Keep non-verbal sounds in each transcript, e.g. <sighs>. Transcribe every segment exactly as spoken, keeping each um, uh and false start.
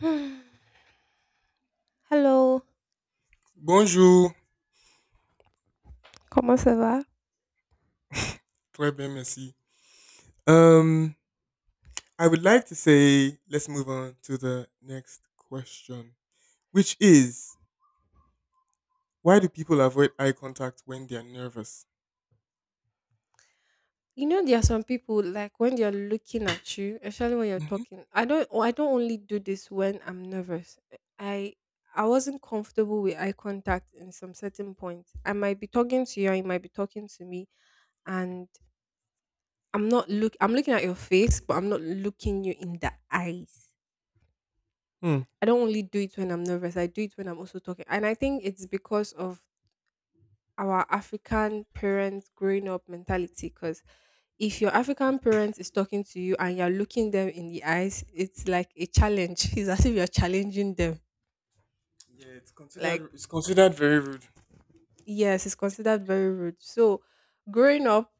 <sighs> Hello, Bonjour, comment ça va? très bien, merci. Um, I would like to say let's move on to the next question, which is why do people avoid eye contact when they are nervous? You know there are some people like when they're looking at you, especially when you're Mm-hmm. talking. I don't i don't only do this when I'm nervous. I i wasn't comfortable with eye contact. In some certain point, I might be talking to you and you might be talking to me, and I'm not look I'm looking at your face, but I'm not looking you in the eyes. I don't only do it when I'm nervous. I do it when I'm also talking, and I think it's because of our African parents growing up mentality, because if your African Exactly. parent is talking to you and you're looking them in the eyes, it's like a challenge. <laughs> It's as if you're challenging them. Yeah, it's Like, considered it's considered very rude. yes, it's considered very rude. So, growing up,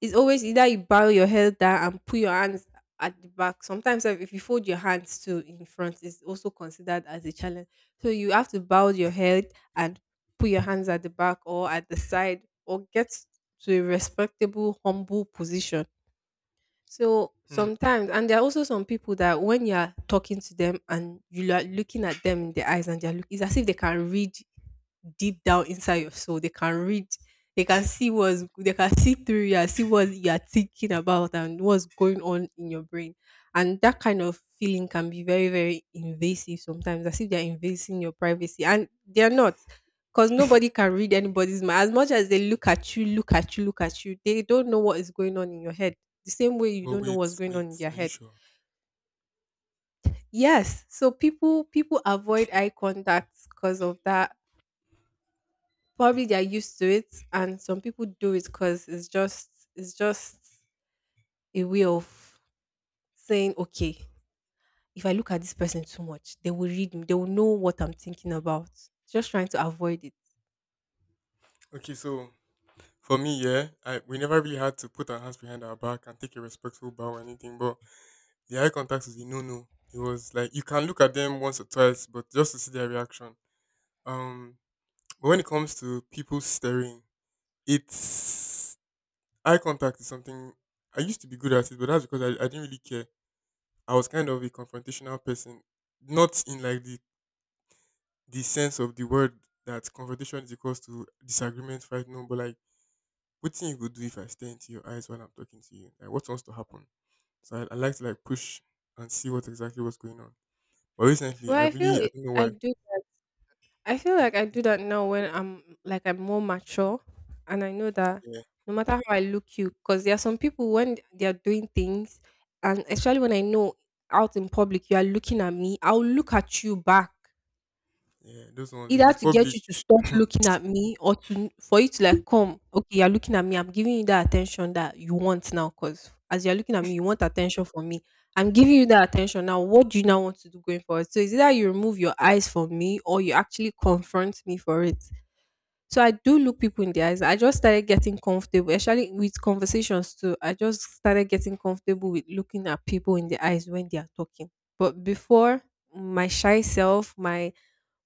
it's always either you bow your head down and put your hands at the back. Sometimes if if you fold your hands too in front, it's also considered as a challenge. So you have to bow your head and put your hands at the back or at the side or get to a respectable, humble position. So Hmm. sometimes, and there are also some people that when you are talking to them and you are looking at them in the eyes and they're look, it's as if they can read deep down inside your soul. They can read, they can see what's, they can see through you, and see what you are thinking about and what's going on in your brain. And that kind of feeling can be very, very invasive sometimes, as if they're invading your privacy. And they're not, because nobody <laughs> can read anybody's mind. As much as they look at you, look at you, look at you, they don't know what is going on in your head, the same way you But don't know what's wait, going on wait, in their are you head. sure? Yes, so people people avoid eye contact because of that. Probably they're used to it, and some people do it because it's just it's just a way of saying, okay, if I look at this person too much, they will read me. They will know what I'm thinking about. Just trying to avoid it. Okay, so for me, yeah, I we never really had to put our hands behind our back and take a respectful bow or anything, but the eye contact was a no no. It was like you can look at them once or twice, but just to see their reaction. Um But when it comes to people staring, it's eye contact is something I used to be good at it, but that's because I, I didn't really care. I was kind of a confrontational person, not in like the the sense of the word that confrontation is equals to disagreement, fight, no, but like what thing you could do if I stare into your eyes while I'm talking to you? Like what wants to happen? So I, I like to like push and see what exactly was going on. But recently, Well, I I feel really I it, don't know I why. do, I feel like I do that now, when I'm like I'm more mature and I know that Yeah, no matter how I look you, because there are some people when they are doing things, and especially when I know out in public you are looking at me, I'll look at you back. yeah, those ones. If Either it's to get public, you to stop <clears throat> looking at me, or to for you to like, "Come, okay, you're looking at me. I'm giving you that attention that you want now. Cause as you're looking at me, you want attention from me. I'm giving you that attention now. What do you now want to do going forward?" So, it's either you remove your eyes from me or you actually confront me for it. So, I do look people in the eyes. I just started getting comfortable, actually, with conversations too. I just started getting comfortable with looking at people in the eyes when they are talking. But before, my shy self, my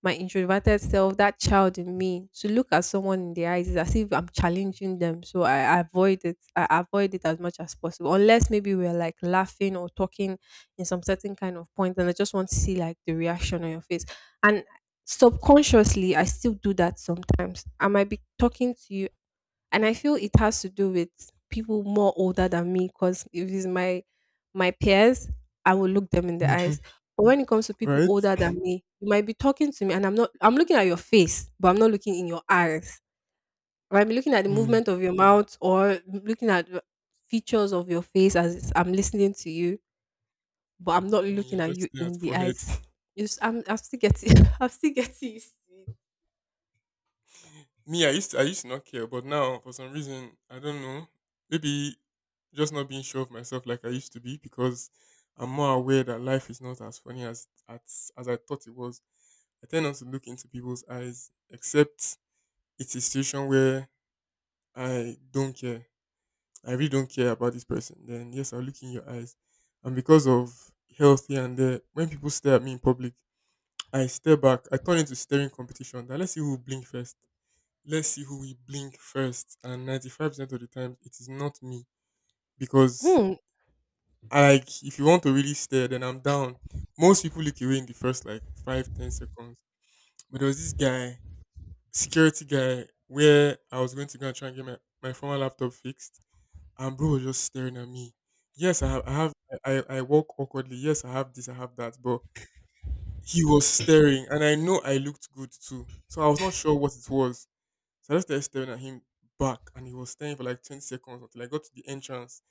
my introverted self, that child in me, to look at someone in the eyes is as if I'm challenging them. So I avoid it. I avoid it as much as possible. Unless maybe we're like laughing or talking in some certain kind of point, and I just want to see like the reaction on your face. And subconsciously, I still do that sometimes. I might be talking to you, and I feel it has to do with people more older than me, because if it's my my peers, I will look them in the Mhm, eyes. But when it comes to people right? older than me, you might be talking to me and I'm not I'm looking at your face, but I'm not looking in your eyes. I might be looking at the Mm. movement of your mouth or looking at the features of your face as I'm listening to you, but I'm not Me, I looking at just you stare at in the forehead. eyes. <laughs> It's, I'm, I'm still getting <laughs> I'm still getting used to it. Me, I used to, I used to not care, but now for some reason I don't know. Maybe just not being sure of myself like I used to be because I'm more aware that life is not as funny as as, as I thought it was. I tend not to look into people's eyes, except it's a situation where I don't care. I really don't care about this person. Then yes, I'll look in your eyes. And because of health here and there, when people stare at me in public, I stare back. I turn into staring competition. That let's see who will blink first let's see who will blink first. And ninety-five percent of the time, it is not me. Because, Hmm. I like, if you want to really stare, then I'm down. Most people look away in the first, like, five ten seconds. But there was this guy, security guy, where I was going to go and try and get my, my former laptop fixed. And bro was just staring at me. Yes, I have, I have, I, I I walk awkwardly. Yes, I have this, I have that. But he was staring, and I know I looked good too. So I was not sure what it was. So I just started staring at him back, and he was staring for like twenty seconds until I got to the entrance.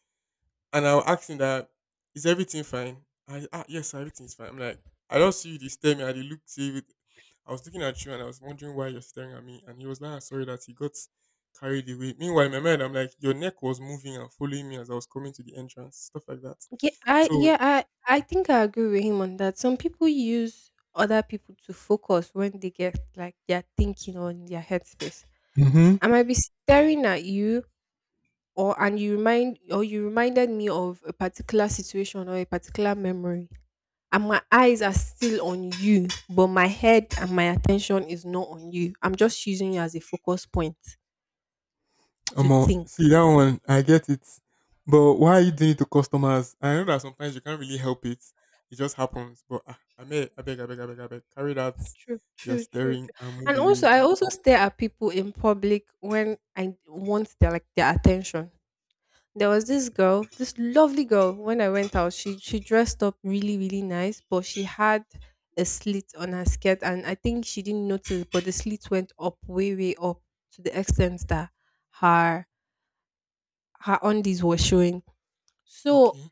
And I was asking that, is everything fine? I, ah, yes, sir, everything is fine. I'm like, I don't see you this time. I did look see it. I was looking at you and I was wondering why you're staring at me. And he was like, I sorry that he got carried away. Meanwhile, in my mind, I'm like, your neck was moving and following me as I was coming to the entrance, stuff like that. Yeah, I So yeah, I I think I agree with him on that. Some people use other people to focus when they get like their thinking or in their headspace. I might be staring at you, or and you remind or you reminded me of a particular situation or a particular memory. And my eyes are still on you, but my head and my attention is not on you. I'm just using you as a focus point to Omo, think. see that one, I get it. But why are you doing it to customers? I know that sometimes you can't really help it. It just happens. But ah, I may, I beg, I beg, I beg, I beg. Carry that. True, You're true, true, staring true. and move And away also, a I bit. also stare at people in public when I want their like their attention. There was this girl, this lovely girl. When I went out, she she dressed up really, really nice, but she had a slit on her skirt, and I think she didn't notice, but the slit went up, way, way up, to the extent that her her undies were showing. So Okay.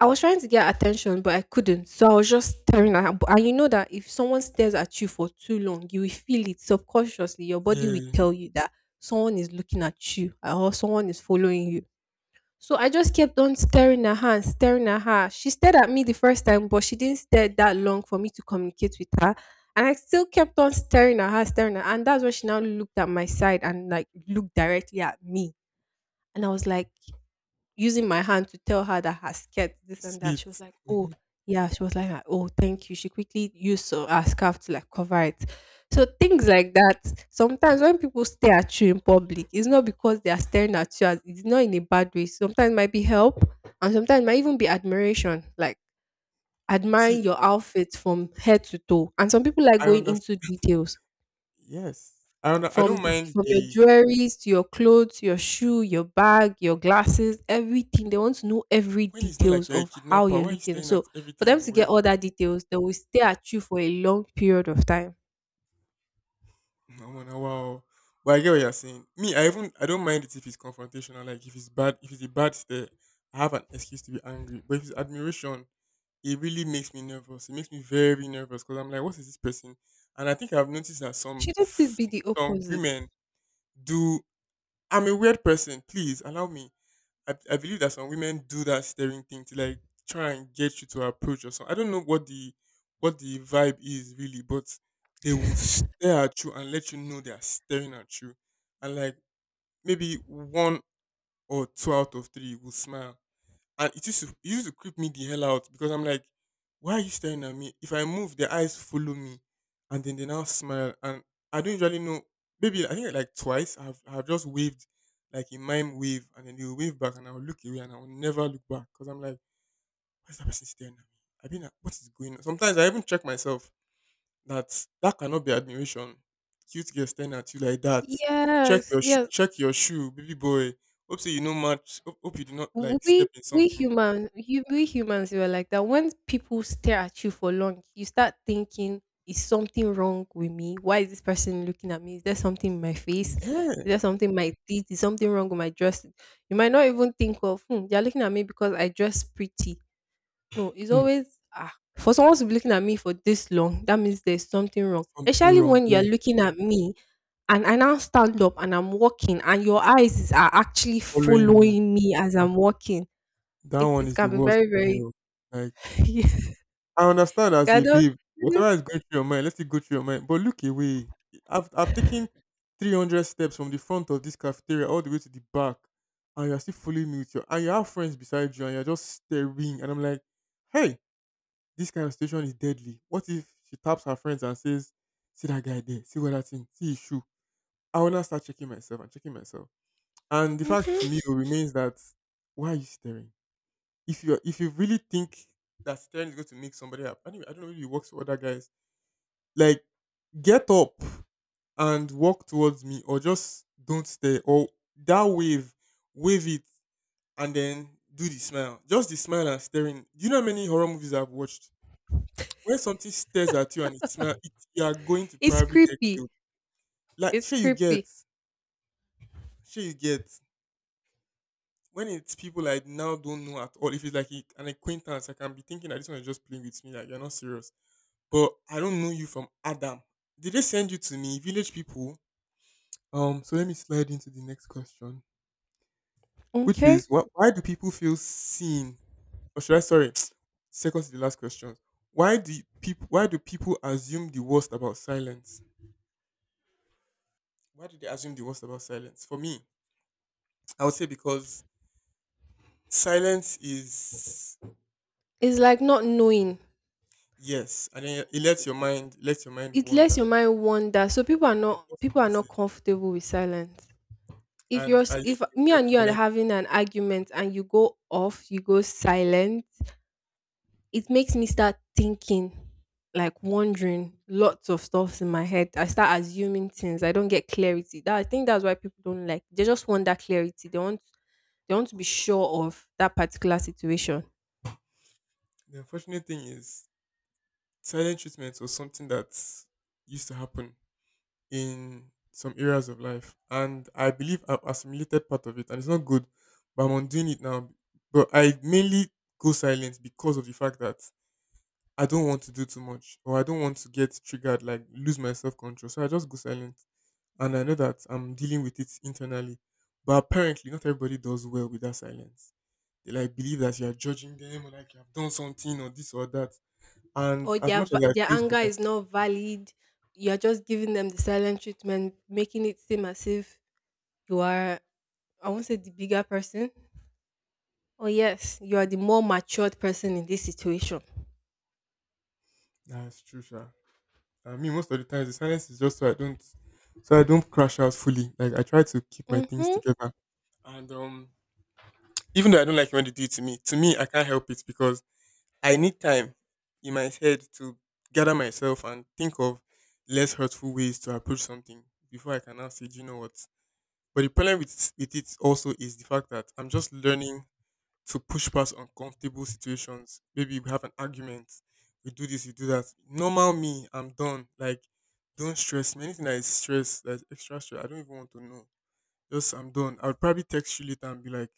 I was trying to get attention, but I couldn't. So I was just staring at her. But- And you know that if someone stares at you for too long, you will feel it subconsciously. Your body will Yeah. tell you that someone is looking at you or someone is following you. So I just kept on staring at her and staring at her. She stared at me the first time, but she didn't stare that long for me to communicate with her. And I still kept on staring at her, staring at her. And that's when she now looked at my side and like looked directly at me. And I was like, using my hand to tell her that her skirt, this and that. She Slit. was like, oh, Hmm. yeah. She was like, ah, oh, thank you. She quickly used so- her scarf to like cover it. So things like that. Sometimes when people stare at you in public, it's not because they are staring at you. As, it's not in a bad way. Sometimes it might be help, and sometimes it might even be admiration, like admiring See, your outfit from head to toe. And some people like I going into understand. details. Yes. I under- I From don't the mind From your the jewelries to your clothes, your shoe, your bag, your glasses, everything. They want to know every when it's not like details you're a of how kidnapper. you're Why are you looking. staring So at for everything them I'm to get wearing? all that details, they will stay at you for a long period of time. No, no, no, wow. But I get what you're saying. Me, I even I don't mind it if it's confrontational. Like if it's bad, if it's a bad stare, I have an excuse to be angry. But if it's admiration, it really makes me nervous. It makes me very nervous because I'm like, what is this person? And I think I've noticed that some Shouldn't this be the some opposite? women do. I'm a weird person. Please allow me. I, I believe that some women do that staring thing to like try and get you to approach or something. I don't know what the what the vibe is really, but they will stare at you and let you know they are staring at you, and like maybe one or two out of three will smile, and it used to it used to creep me the hell out because I'm like, why are you staring at me? If I move, their eyes follow me, and then they now smile. And I don't usually know. Maybe I think like twice I've I've just waved like a mime wave, and then they will wave back, and I will look away, and I will never look back because I'm like, why is that person staring at me? I mean, what is going on? Sometimes I even check myself that that cannot be admiration. Cute girl staring at you like that. Check Yes, your shoe, yes. check your shoe, baby boy. Hope so you no match. Hope, hope you do not like We step in we something. Human you, we humans, we are like that. When people stare at you for long, you start thinking, is something wrong with me? Why is this person looking at me? Is there something in my face? Is Yeah. there something in my teeth? Is something wrong with my dress? You might not even think of hmm, they're looking at me because I dress pretty. No, it's Hmm, always ah, for someone to be looking at me for this long, that means there's something wrong. something Especially wrong, when you're yeah, looking at me and I now stand up and I'm walking and your eyes is- are actually following me. following me as Mm, I'm walking, that it one it is the can be worst very, for me. very Oh. Like <laughs> yeah. I understand It as a cannot babe, mhm, whatever is going through your mind, let it go through your mind. But look away. I've I've taken three hundred steps from the front of this cafeteria all the way to the back, and you're still following me with your and you have friends beside you and you're just staring. And I'm like, hey, this kind of situation is deadly. What if she taps her friends and says, see that guy there, see what that thing, see his shoe. I will now start checking myself and checking myself. And the fact mhm. to me remains that why are you staring? If you if you really think that staring is going to make somebody happy, anyway, I don't know if it works for other guys. Like, get up and walk towards me, or just don't stare, or that wave, wave it, and then do the smile. Just the smile and staring. Do you know how many horror movies I've watched? When something stares at you and it smiles, it, you are going to It's probably get creepy. killed. Like, It's sure you get, creepy. sure you get. When it's people I now don't know at all, if it's like a- an acquaintance, I can be thinking that this one is just playing with me, like you're not serious. But I don't know you from Adam. Did they send you to me, village people? Um, so let me slide into the next question, which Okay? is what? Why do people feel seen? Or should I sorry? <tsk> Second to the last question. Why do people? Why do people assume the worst about silence? Why do they assume the worst about silence? For me, I would say because silence is It's like not knowing. yes, and then it lets your mind let your mind It lets wander your mind wander. So people are in not most people are places, not comfortable with silence. If you're and I s- If used to me get and you are silent. having an argument and you go off, you go silent, it makes me start thinking, like wondering lots of stuffs in my head. I start assuming things. I don't get clarity. That I think that's why people don't like. They just want that clarity. They want they want to be sure of that particular situation. The unfortunate thing is, silent treatment was something that used to happen in some areas of life, and I believe I've assimilated part of it, and it's not good, but I'm undoing it now. But I mainly go silent because of the fact that I don't want to do too much, or I don't want to get triggered, like lose my self control. So I just go silent, and I know that I'm dealing with it internally. But apparently, not everybody does well with that silence. They like believe that you are judging them or like you have done something or this or that. And Or as their much as va- I their feel for anger them, is not valid. You're just giving them the silent treatment, making it seem as if you are, I won't say the bigger person. Oh yes, you are the more matured person in this situation. that's true, sure. I mean, most of the times the silence is just so I don't, so I don't crash out fully. Like I try to keep my things Mhm. together. And um, even though I don't like when they do it to me, to me I can't help it because I need time in my head to gather myself and think of less hurtful ways to approach something before I can now say, do you know what? But the problem with with it also is the fact that I'm just learning to push past uncomfortable situations. Maybe we have an argument, we do this, we do that. Normal me, I'm done. Like, don't stress me. Anything that is stress, that's extra stress, I don't even want to know. Just I'm done. I'll probably text you later and be like,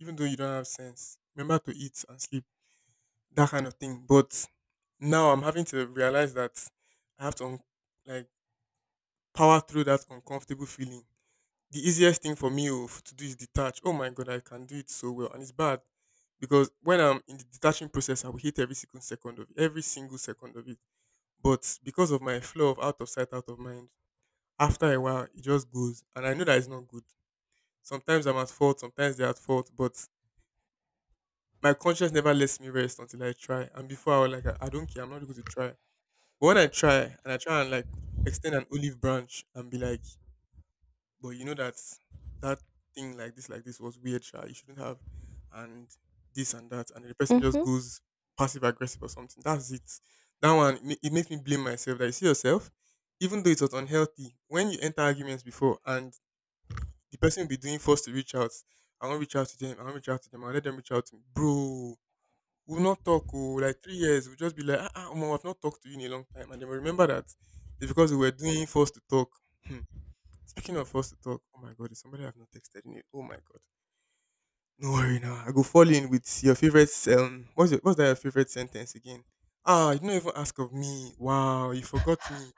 even though you don't have sense, remember to eat and sleep, that kind of thing. But now I'm having to realize that I have to un- like power through that uncomfortable feeling the easiest thing for me oh, to do is detach. Oh my god, I can do it so well, and it's bad because when I'm in the detaching process, I will hate every single second of it, every single second of it. But because of my flow of out of sight, out of mind, after a while it just goes, and I know that it's not good. Sometimes I'm at fault, sometimes they're at fault, but my conscience never lets me rest until I try. And before I was like, I I don't care, I'm not going to try. But when I try and I try and like extend an olive branch and be like, but you know that that thing like this like this was weird sha. You shouldn't have and this and that, and then the person just Mhm. goes passive aggressive or something. That's it. That one, it ma- it makes me blame myself. That you see yourself even though it was unhealthy when you enter arguments before, and the person will be doing first to reach out. I won't reach out to them, I won't reach out to them I'll let them reach out to me, bro. We'll not talk oh like three years. We'll just be like, ah, ah omo, I've not talked to you in a long time, and then we remember that it's because we were doing first to talk. <laughs> Speaking of us to talk, oh my god, is somebody I've not texted in it. Oh my god. No worry now. I go fall in with your favorite um what's your, what's that your favorite sentence again? Ah, you don't even ask of me. Wow, you forgot me.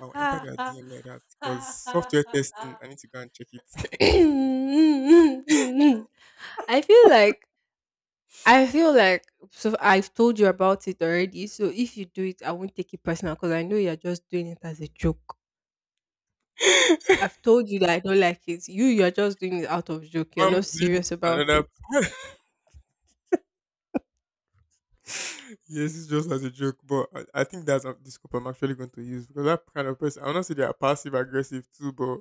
I'll enter their I D M like that because software testing, I need to go and check it. feel like I feel like, so I've told you about it already. So if you do it, I won't take it personal because I know you're just doing it as a joke. I've told you that I don't like it. You you're just doing it out of joke. <laughs> You're I'm doing not it serious for about another. it. <laughs> Yes, it's just as a joke, but I, I think that's uh, the scope I'm actually going to use, because that kind of person, I wanna say they are passive aggressive too, but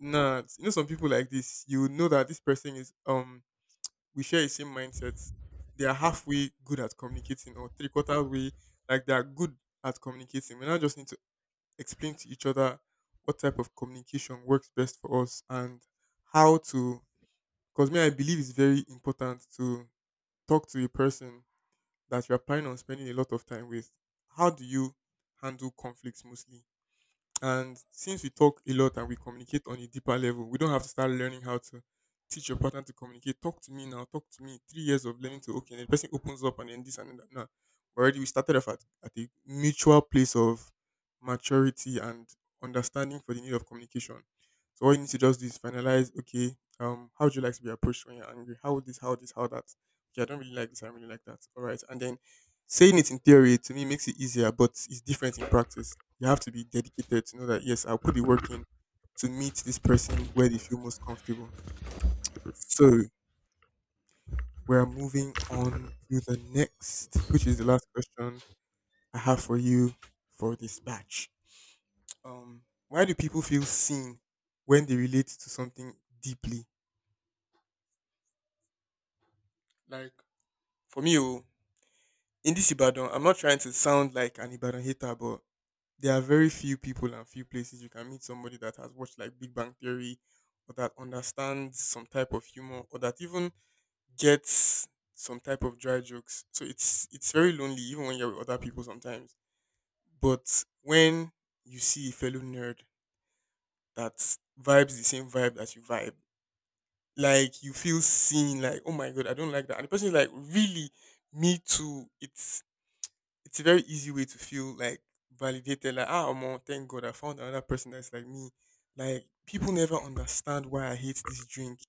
nah, you know some people like this, you know that this person is um we share a same mindset. They are halfway good at communicating, or three quarter way, like they are good at communicating. We now just need to explain to each other what type of communication works best for us, and how to. Because me, I believe it's very important to talk to a person that you're planning on spending a lot of time with. How do you handle conflicts mostly? And since we talk a lot and we communicate on a deeper level, we don't have to start learning how to teach your partner to communicate. Talk to me now. Talk to me. Three years of learning to okay. And the person opens up and then this and then that. Now, already we started off at, at a mutual place of maturity and understanding for the need of communication. So all you need to just do is finalize. Okay, um, how would you like to be approached when you're angry? How would this? How this? How that? Okay, I don't really like this. I don't really like that. All right, and then saying it in theory to me makes it easier, but it's different in practice. You have to be dedicated to know that yes, I'll put the work in to meet this person where they feel most comfortable. So we're moving on to the next, which is the last question I have for you for this batch. Um, why do people feel seen when they relate to something deeply? Like for me, oh, in this Ibadan, I'm not trying to sound like an Ibadan hater, but there are very few people and few places you can meet somebody that has watched like Big Bang Theory, or that understands some type of humor, or that even gets some type of dry jokes. So it's it's very lonely even when you're with other people sometimes. But when you see a fellow nerd that vibes the same vibe that you vibe, like you feel seen, like, oh my god, I don't like that. And the person is like, really, me too. It's it's a very easy way to feel like validated. Like, ah, Omo, thank God I found another person that's like me. Like, people never understand why I hate this drink.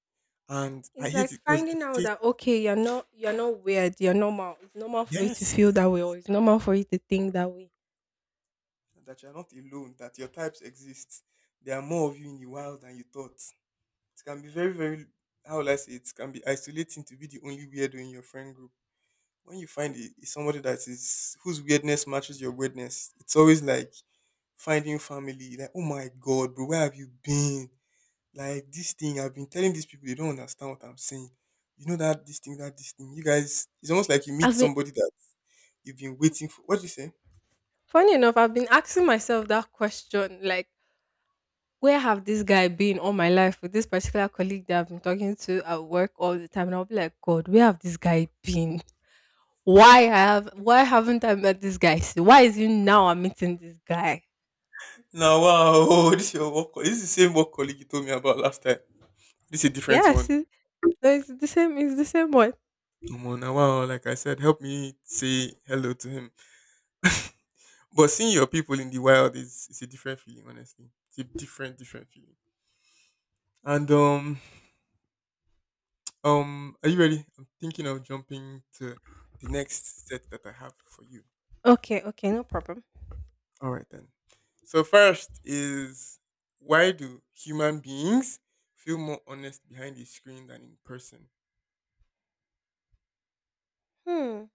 And I It's hate like it because it finding out takes, that okay, you're not you're not weird, you're normal. It's normal for you to feel yes, that way, or it's normal for you to think that way. that you're not alone, that your types exist. There are more of you in the wild than you thought. It can be very, very, how will I say, it can be isolating to be the only weirdo in your friend group. When you find it, it's somebody that is, whose weirdness matches your weirdness, it's always like finding family. Like, oh my God, bro, where have you been? Like this thing, I've been telling these people, they don't understand what I'm saying. You know that this thing, that this thing. You guys, it's almost like you meet I've been somebody that you've been waiting for. What do you say? Funny enough, I've been asking myself that question, like, where have this guy been all my life, with this particular colleague that I've been talking to at work all the time? And I'll be like, God, where have this guy been? Why have why haven't I met this guy still? Why is it now I'm meeting this guy? Now, wow. <laughs> Oh, this is your work. co- This is the same work colleague you told me about last time. This is a different one. Yes, it, no, it's the same. It's the same one. Omo, now, wow, like I said, help me say hello to him. <laughs> But seeing your people in the wild is it's a different feeling, honestly. It's a different, different feeling. And um, um, are you ready? I'm thinking of jumping to the next set that I have for you. Okay, okay, no problem. All right then. So first is why do human beings feel more honest behind a screen than in person? Hmm.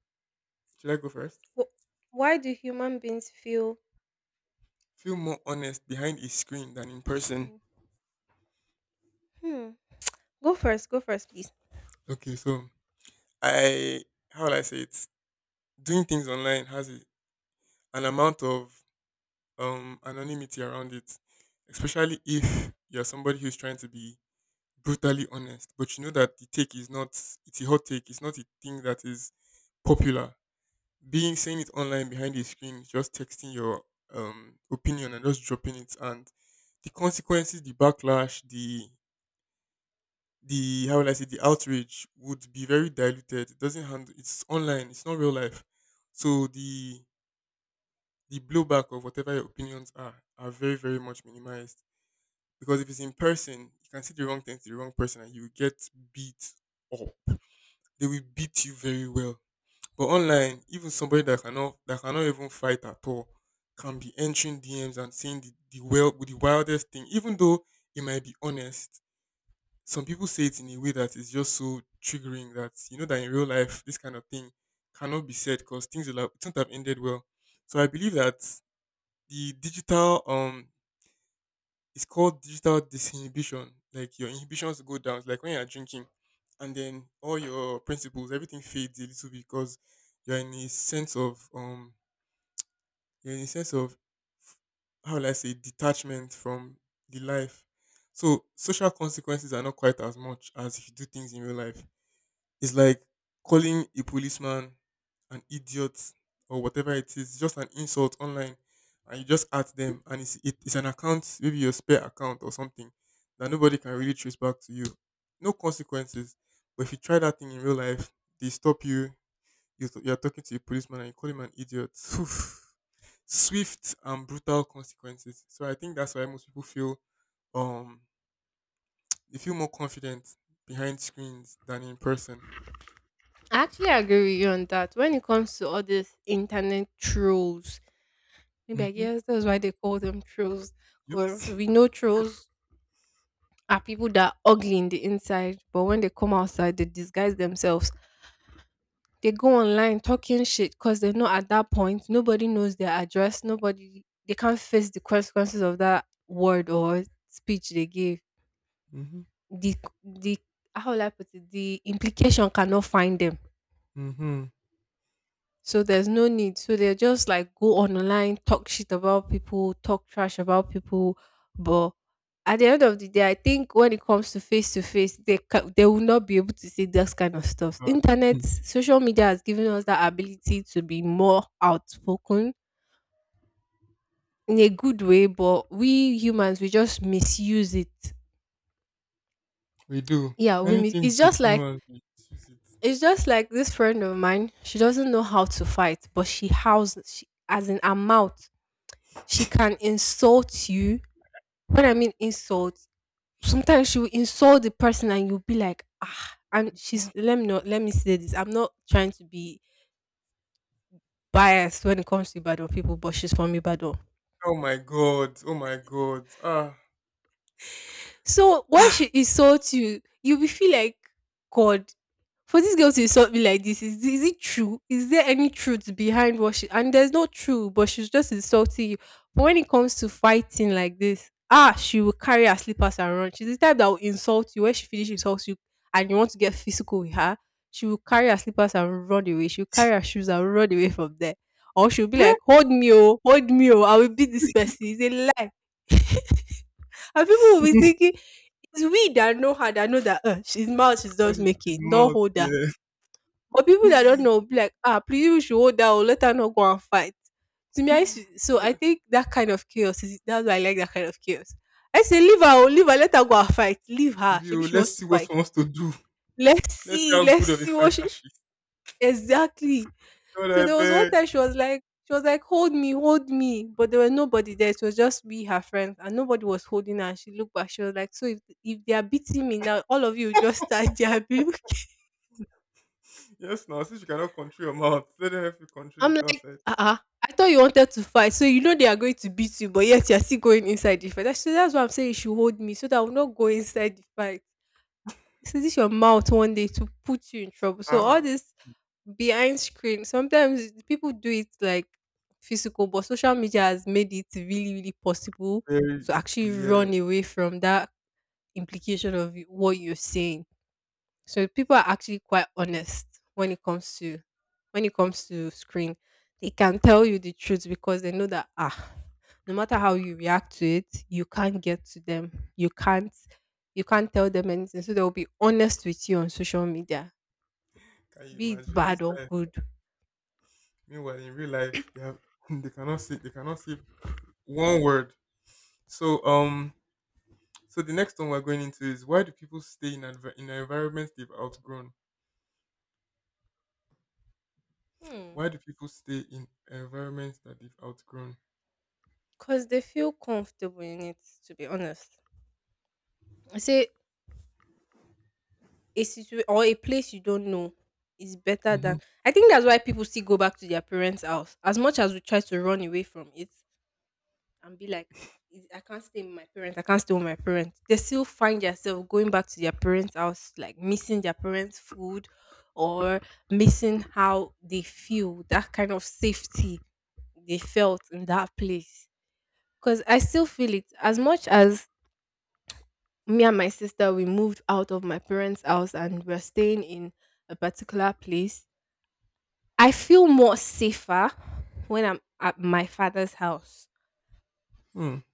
Should I go first? Wh- Why do human beings feel? Feel more honest behind a screen than in s- person. Hmm. Go first. Go first, please. Okay, so I how will I say it? Doing things online has a, an amount of um anonymity around it, especially if you're somebody who's trying to be brutally honest, but you know that the take is not, it's a hot take, it's not a thing that is popular, being saying it online behind a screen, just texting your um opinion and just dropping it, and the consequences, the backlash, the the how will I say the outrage would be very diluted. It doesn't handle. It's online. It's not real life. So the the blowback of whatever your opinions are are very very much minimized, because if it's in person, you can say the wrong thing to the wrong person and you will get beat up. They will beat you very well. But online, even somebody that cannot that cannot even fight at all can be entering D Ms and saying the, the well the wildest thing, even though it might be honest. Some people say it in a way that is just so triggering that you know that in real life this kind of thing cannot be said, because things will have, it won't have ended well. So I believe that the digital um it's called digital disinhibition. Like your inhibitions go down. It's like when you're drinking, and then all your principles, everything fades a little bit, because you're in a sense of um, you're in a sense of how will I say detachment from the life. So social consequences are not quite as much as if you do things in real life. It's like calling a policeman an idiot or whatever it is. It's just an insult online, and you just at them, and it's it, it's an account, maybe your spare account or something that nobody can really trace back to you. No consequences. But if you try that thing in real life, they stop you. You you are talking to a policeman and you call him an idiot. Oof. Swift and brutal consequences. So I think that's why most people feel um they feel more confident behind screens than in person. I actually agree with you on that. When it comes to all these internet trolls, maybe I Hmm. guess that's why they call them trolls. Because we know trolls are people that are ugly in the inside, but when they come outside, they disguise themselves. They go online talking shit because they're not at that point. Nobody knows their address. Nobody they can't face the consequences of that word or speech they gave. Mm-hmm. The the how will I put it? The implication cannot find them. Mm-hmm. So there's no need. So they're just like go online, talk shit about people, talk trash about people. But at the end of the day, I think when it comes to face to face, they ca- they will not be able to say those kind of stuff. Ah, Internet, hmm, social media has given us that ability to be more outspoken in a good way, but we humans we just misuse it. we do. Yeah, we mis- Anything it's good, just like humans, we use it. it's just like this friend of mine. She doesn't know how to fight, but she howls she as in her mouth. She can insult you. When I mean insult, sometimes she will insult the person and you'll be like, ah, and she's let me not let me say this. I'm not trying to be biased when it comes to Ibadan people, but she's from Ibadan. Oh my god. Oh my god. Ah. So when she <laughs> insults you, you will feel like God. For this girl to insult me like this, is is it true? Is there any truth behind what she and there's no truth, but she's just insulting you. But when it comes to fighting like this, ah, she will carry her slippers and run. She's the type that will insult you when she finishes insults you and you want to get physical with her. She will carry her slippers and run away. She'll carry her shoes and run away from there. Or she'll be like, "Hold me, oh, hold me, oh, I will beat this person." It's a lie, and people will be thinking it's we that know her that know that uh, she's mouth she's What just is his making, don't mouth? hold her. Yeah. But people that don't know will be like, ah, please you should hold her or let her not go and fight. To me, I used <laughs> to, so I Yeah. think that kind of chaos is that's why I like that kind of chaos. I say leave her, oh, leave her, let her go and fight. Leave her. Abi, Maybe oh, she let's wants to see what fight. she wants to do. Let's Let's see see, how let's good of a see what fighter she she is. exactly. God, So I there was one beg. time she was like, she was like, hold me, hold me. But there was nobody there. It was just we, her friends, and nobody was holding her. And she looked back. She was like, so if, if they are beating me now, all of you will just start their rebuke. Yes, now since you cannot control your mouth, let them help you <laughs> control I'm it like, outside. uh-uh. I thought you wanted to fight. So you know they are going to beat you, but yet you're still going inside the fight. That's, so, that's what I'm saying. You should hold me so that I will not go inside the fight. This your mouth one day to put you in trouble. So all Ah, this behind screen, sometimes people do it like physical, but social media has made it really, really possible very to easy. actually Yeah, run away from that implication of what you're saying. So people are actually quite honest when it comes to when it comes to screen. They can tell you the truth because they know that ah, no matter how you react to it, you can't get to them. You can't you can't tell them anything. So they'll be honest with you on social media, can you be it imagine this bad or life? good. Meanwhile, in real life, they have <laughs> they cannot see they cannot see one word. So um, so the next one we're going into is why do people stay in adver- in environments they've outgrown? Hmm. Why do people stay in environments that they've outgrown? Cause they feel comfortable in it, to be honest. I say a situation or a place you don't know is better Mm-hmm. than I think that's why people still go back to their parents' house. As much as we try to run away from it, and be like, "Is- I can't stay with my parents. I can't stay with my parents." They still find yourself going back to their parents' house, like missing their parents' food or missing how they feel, that kind of safety they felt in that place. Because I still feel it as much as me and my sister, we moved out of my parents' house and we're staying in a particular place. I feel more safer when I'm at my father's house.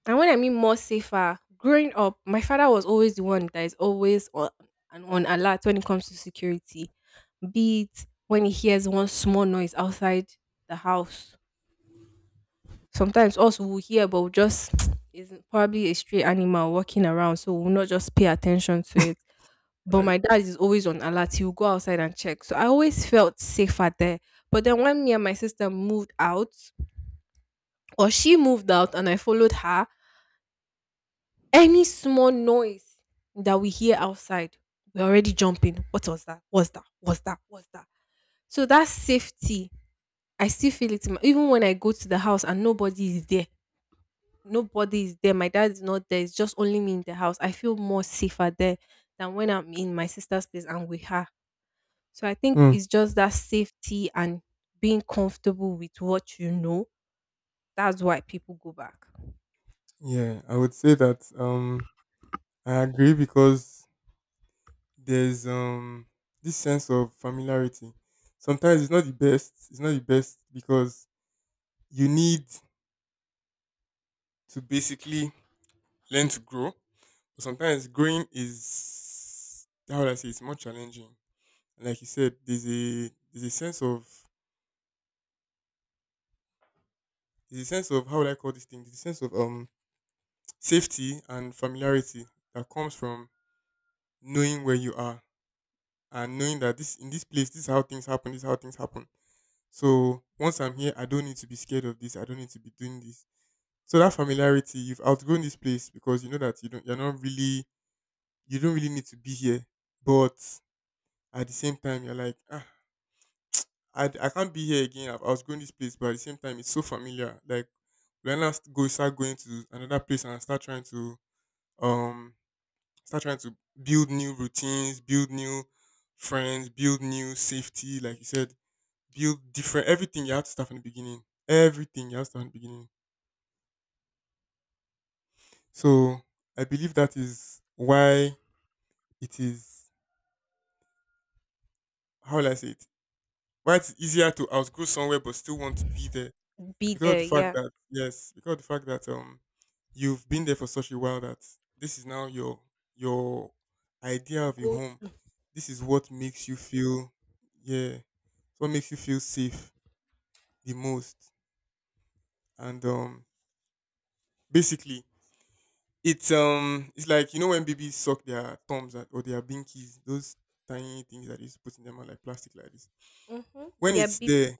And when I mean more safer, growing up, my father was always the one that is always on, and on alert when it comes to security, be it when he hears one small noise outside the house. Sometimes also we'll hear, but we'll just <tsk> is probably a stray animal walking around, so we'll not just pay attention to it. But Right. my dad is always on alert. He'll go outside and check. So I always felt safer there. But then when me and my sister moved out, or she moved out and I followed her, any small noise that we hear outside, we're already jumping. What was that? What's that? What's that? What's that? So that safety, I still feel it. in my- Even when I go to the house and nobody is there, nobody is there. My dad is not there. It's just only me in the house. I feel more safer there than when I'm in my sister's place and with her. So I think Hmm. it's just that safety and being comfortable with what you know. That's why people go back. Yeah, I would say that um, I agree because there's um this sense of familiarity. Sometimes it's not the best. It's not the best because you need to basically learn to grow. But sometimes growing is how would I say it's more challenging. And like you said, there's a there's a sense of there's a sense of how would I call this thing? There's a sense of um safety and familiarity that comes from knowing where you are, and knowing that this in this place, this is how things happen, this is how things happen. So once I'm here, I don't need to be scared of this. I don't need to be doing this. So that familiarity, you've outgrown this place because you know that you don't you're not really, you don't really need to be here. But at the same time, you're like, ah, I, I can't be here again. i I was going this place, but at the same time, it's so familiar. Like when I st- go start going to another place and start trying to um start trying to build new routines, build new friends, build new safety. Like you said, build different everything. You have to start from the beginning. Everything you have to start from the beginning. So I believe that is why it is. How will I say it? Why it's easier to outgrow somewhere but still want to be there, Be because of there, the fact yeah. that yes, because of the fact that um you've been there for such a while that this is now your your idea of your Go home. to. This is what makes you feel yeah, it's what makes you feel safe the most. And um basically it's um it's like you know when babies suck their thumbs at, or their binkies, those tiny things that is put in their mouth like plastic like this. Hmm. When Yeah, it's be there,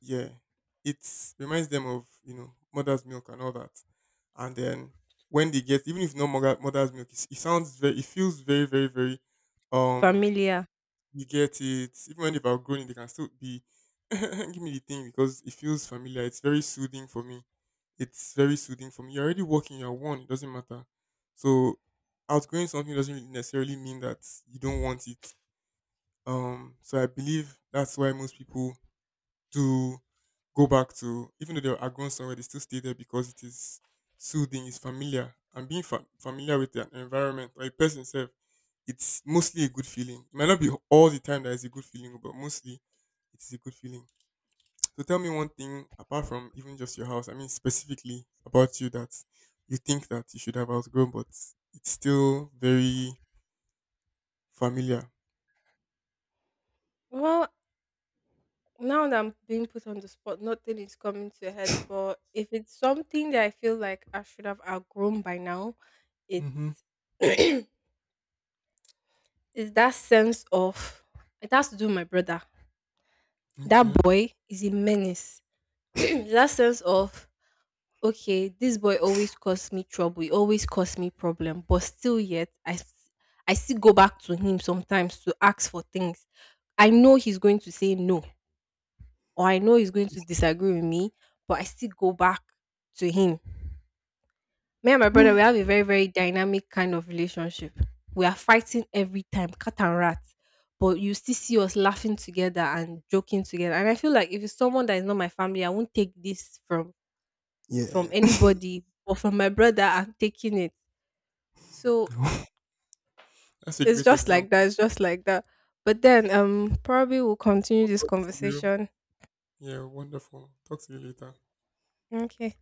yeah, it reminds them of you know mother's milk and all that. And then when they get, even if not mother, mother's milk, it's, it sounds very, it feels very, very, very. Um, familiar. you get it. Even when they've outgrown it, they can still be. <laughs> Give me the thing because it feels familiar. It's very soothing for me. It's very soothing for me. You're already working. You're one. It doesn't matter. So outgrowing something doesn't really necessarily mean that you don't want it. Um, so I believe that's why most people to go back to. Even though they are gone somewhere, they still stay there because it is soothing, it's familiar. And being fa- familiar with an environment or a person self, it's mostly a good feeling. It might not be all the time that it's a good feeling, but mostly it is a good feeling. So tell me one thing apart from even just your house, I mean specifically about you, that you think that you should have outgrown, but it's still very familiar. Well, now that I'm being put on the spot, nothing is coming to a head. But if it's something that I feel like I should have outgrown by now, Mm-hmm. it's <clears throat> it's that sense of it has to do with my brother. That Okay. boy is a menace. <clears throat> That sense of okay, this boy always cause me trouble. He always cause me problem. But still, yet I s- I still go back to him sometimes to ask for things. I know he's going to say no, or I know he's going to disagree with me, but I still go back to him. Me and my brother, we <laughs> have a very, very dynamic kind of relationship. We are fighting every time, cat and rat. But you still see us laughing together and joking together. And I feel like if it's someone that is not my family, I won't take this from from Yeah. anybody. But from my brother, I'm taking it. So <laughs> That's a it's great just like example. that. It's just like that. But then um probably we'll continue I'll this talk to you. conversation. Yeah, wonderful. Talk to you later. Okay.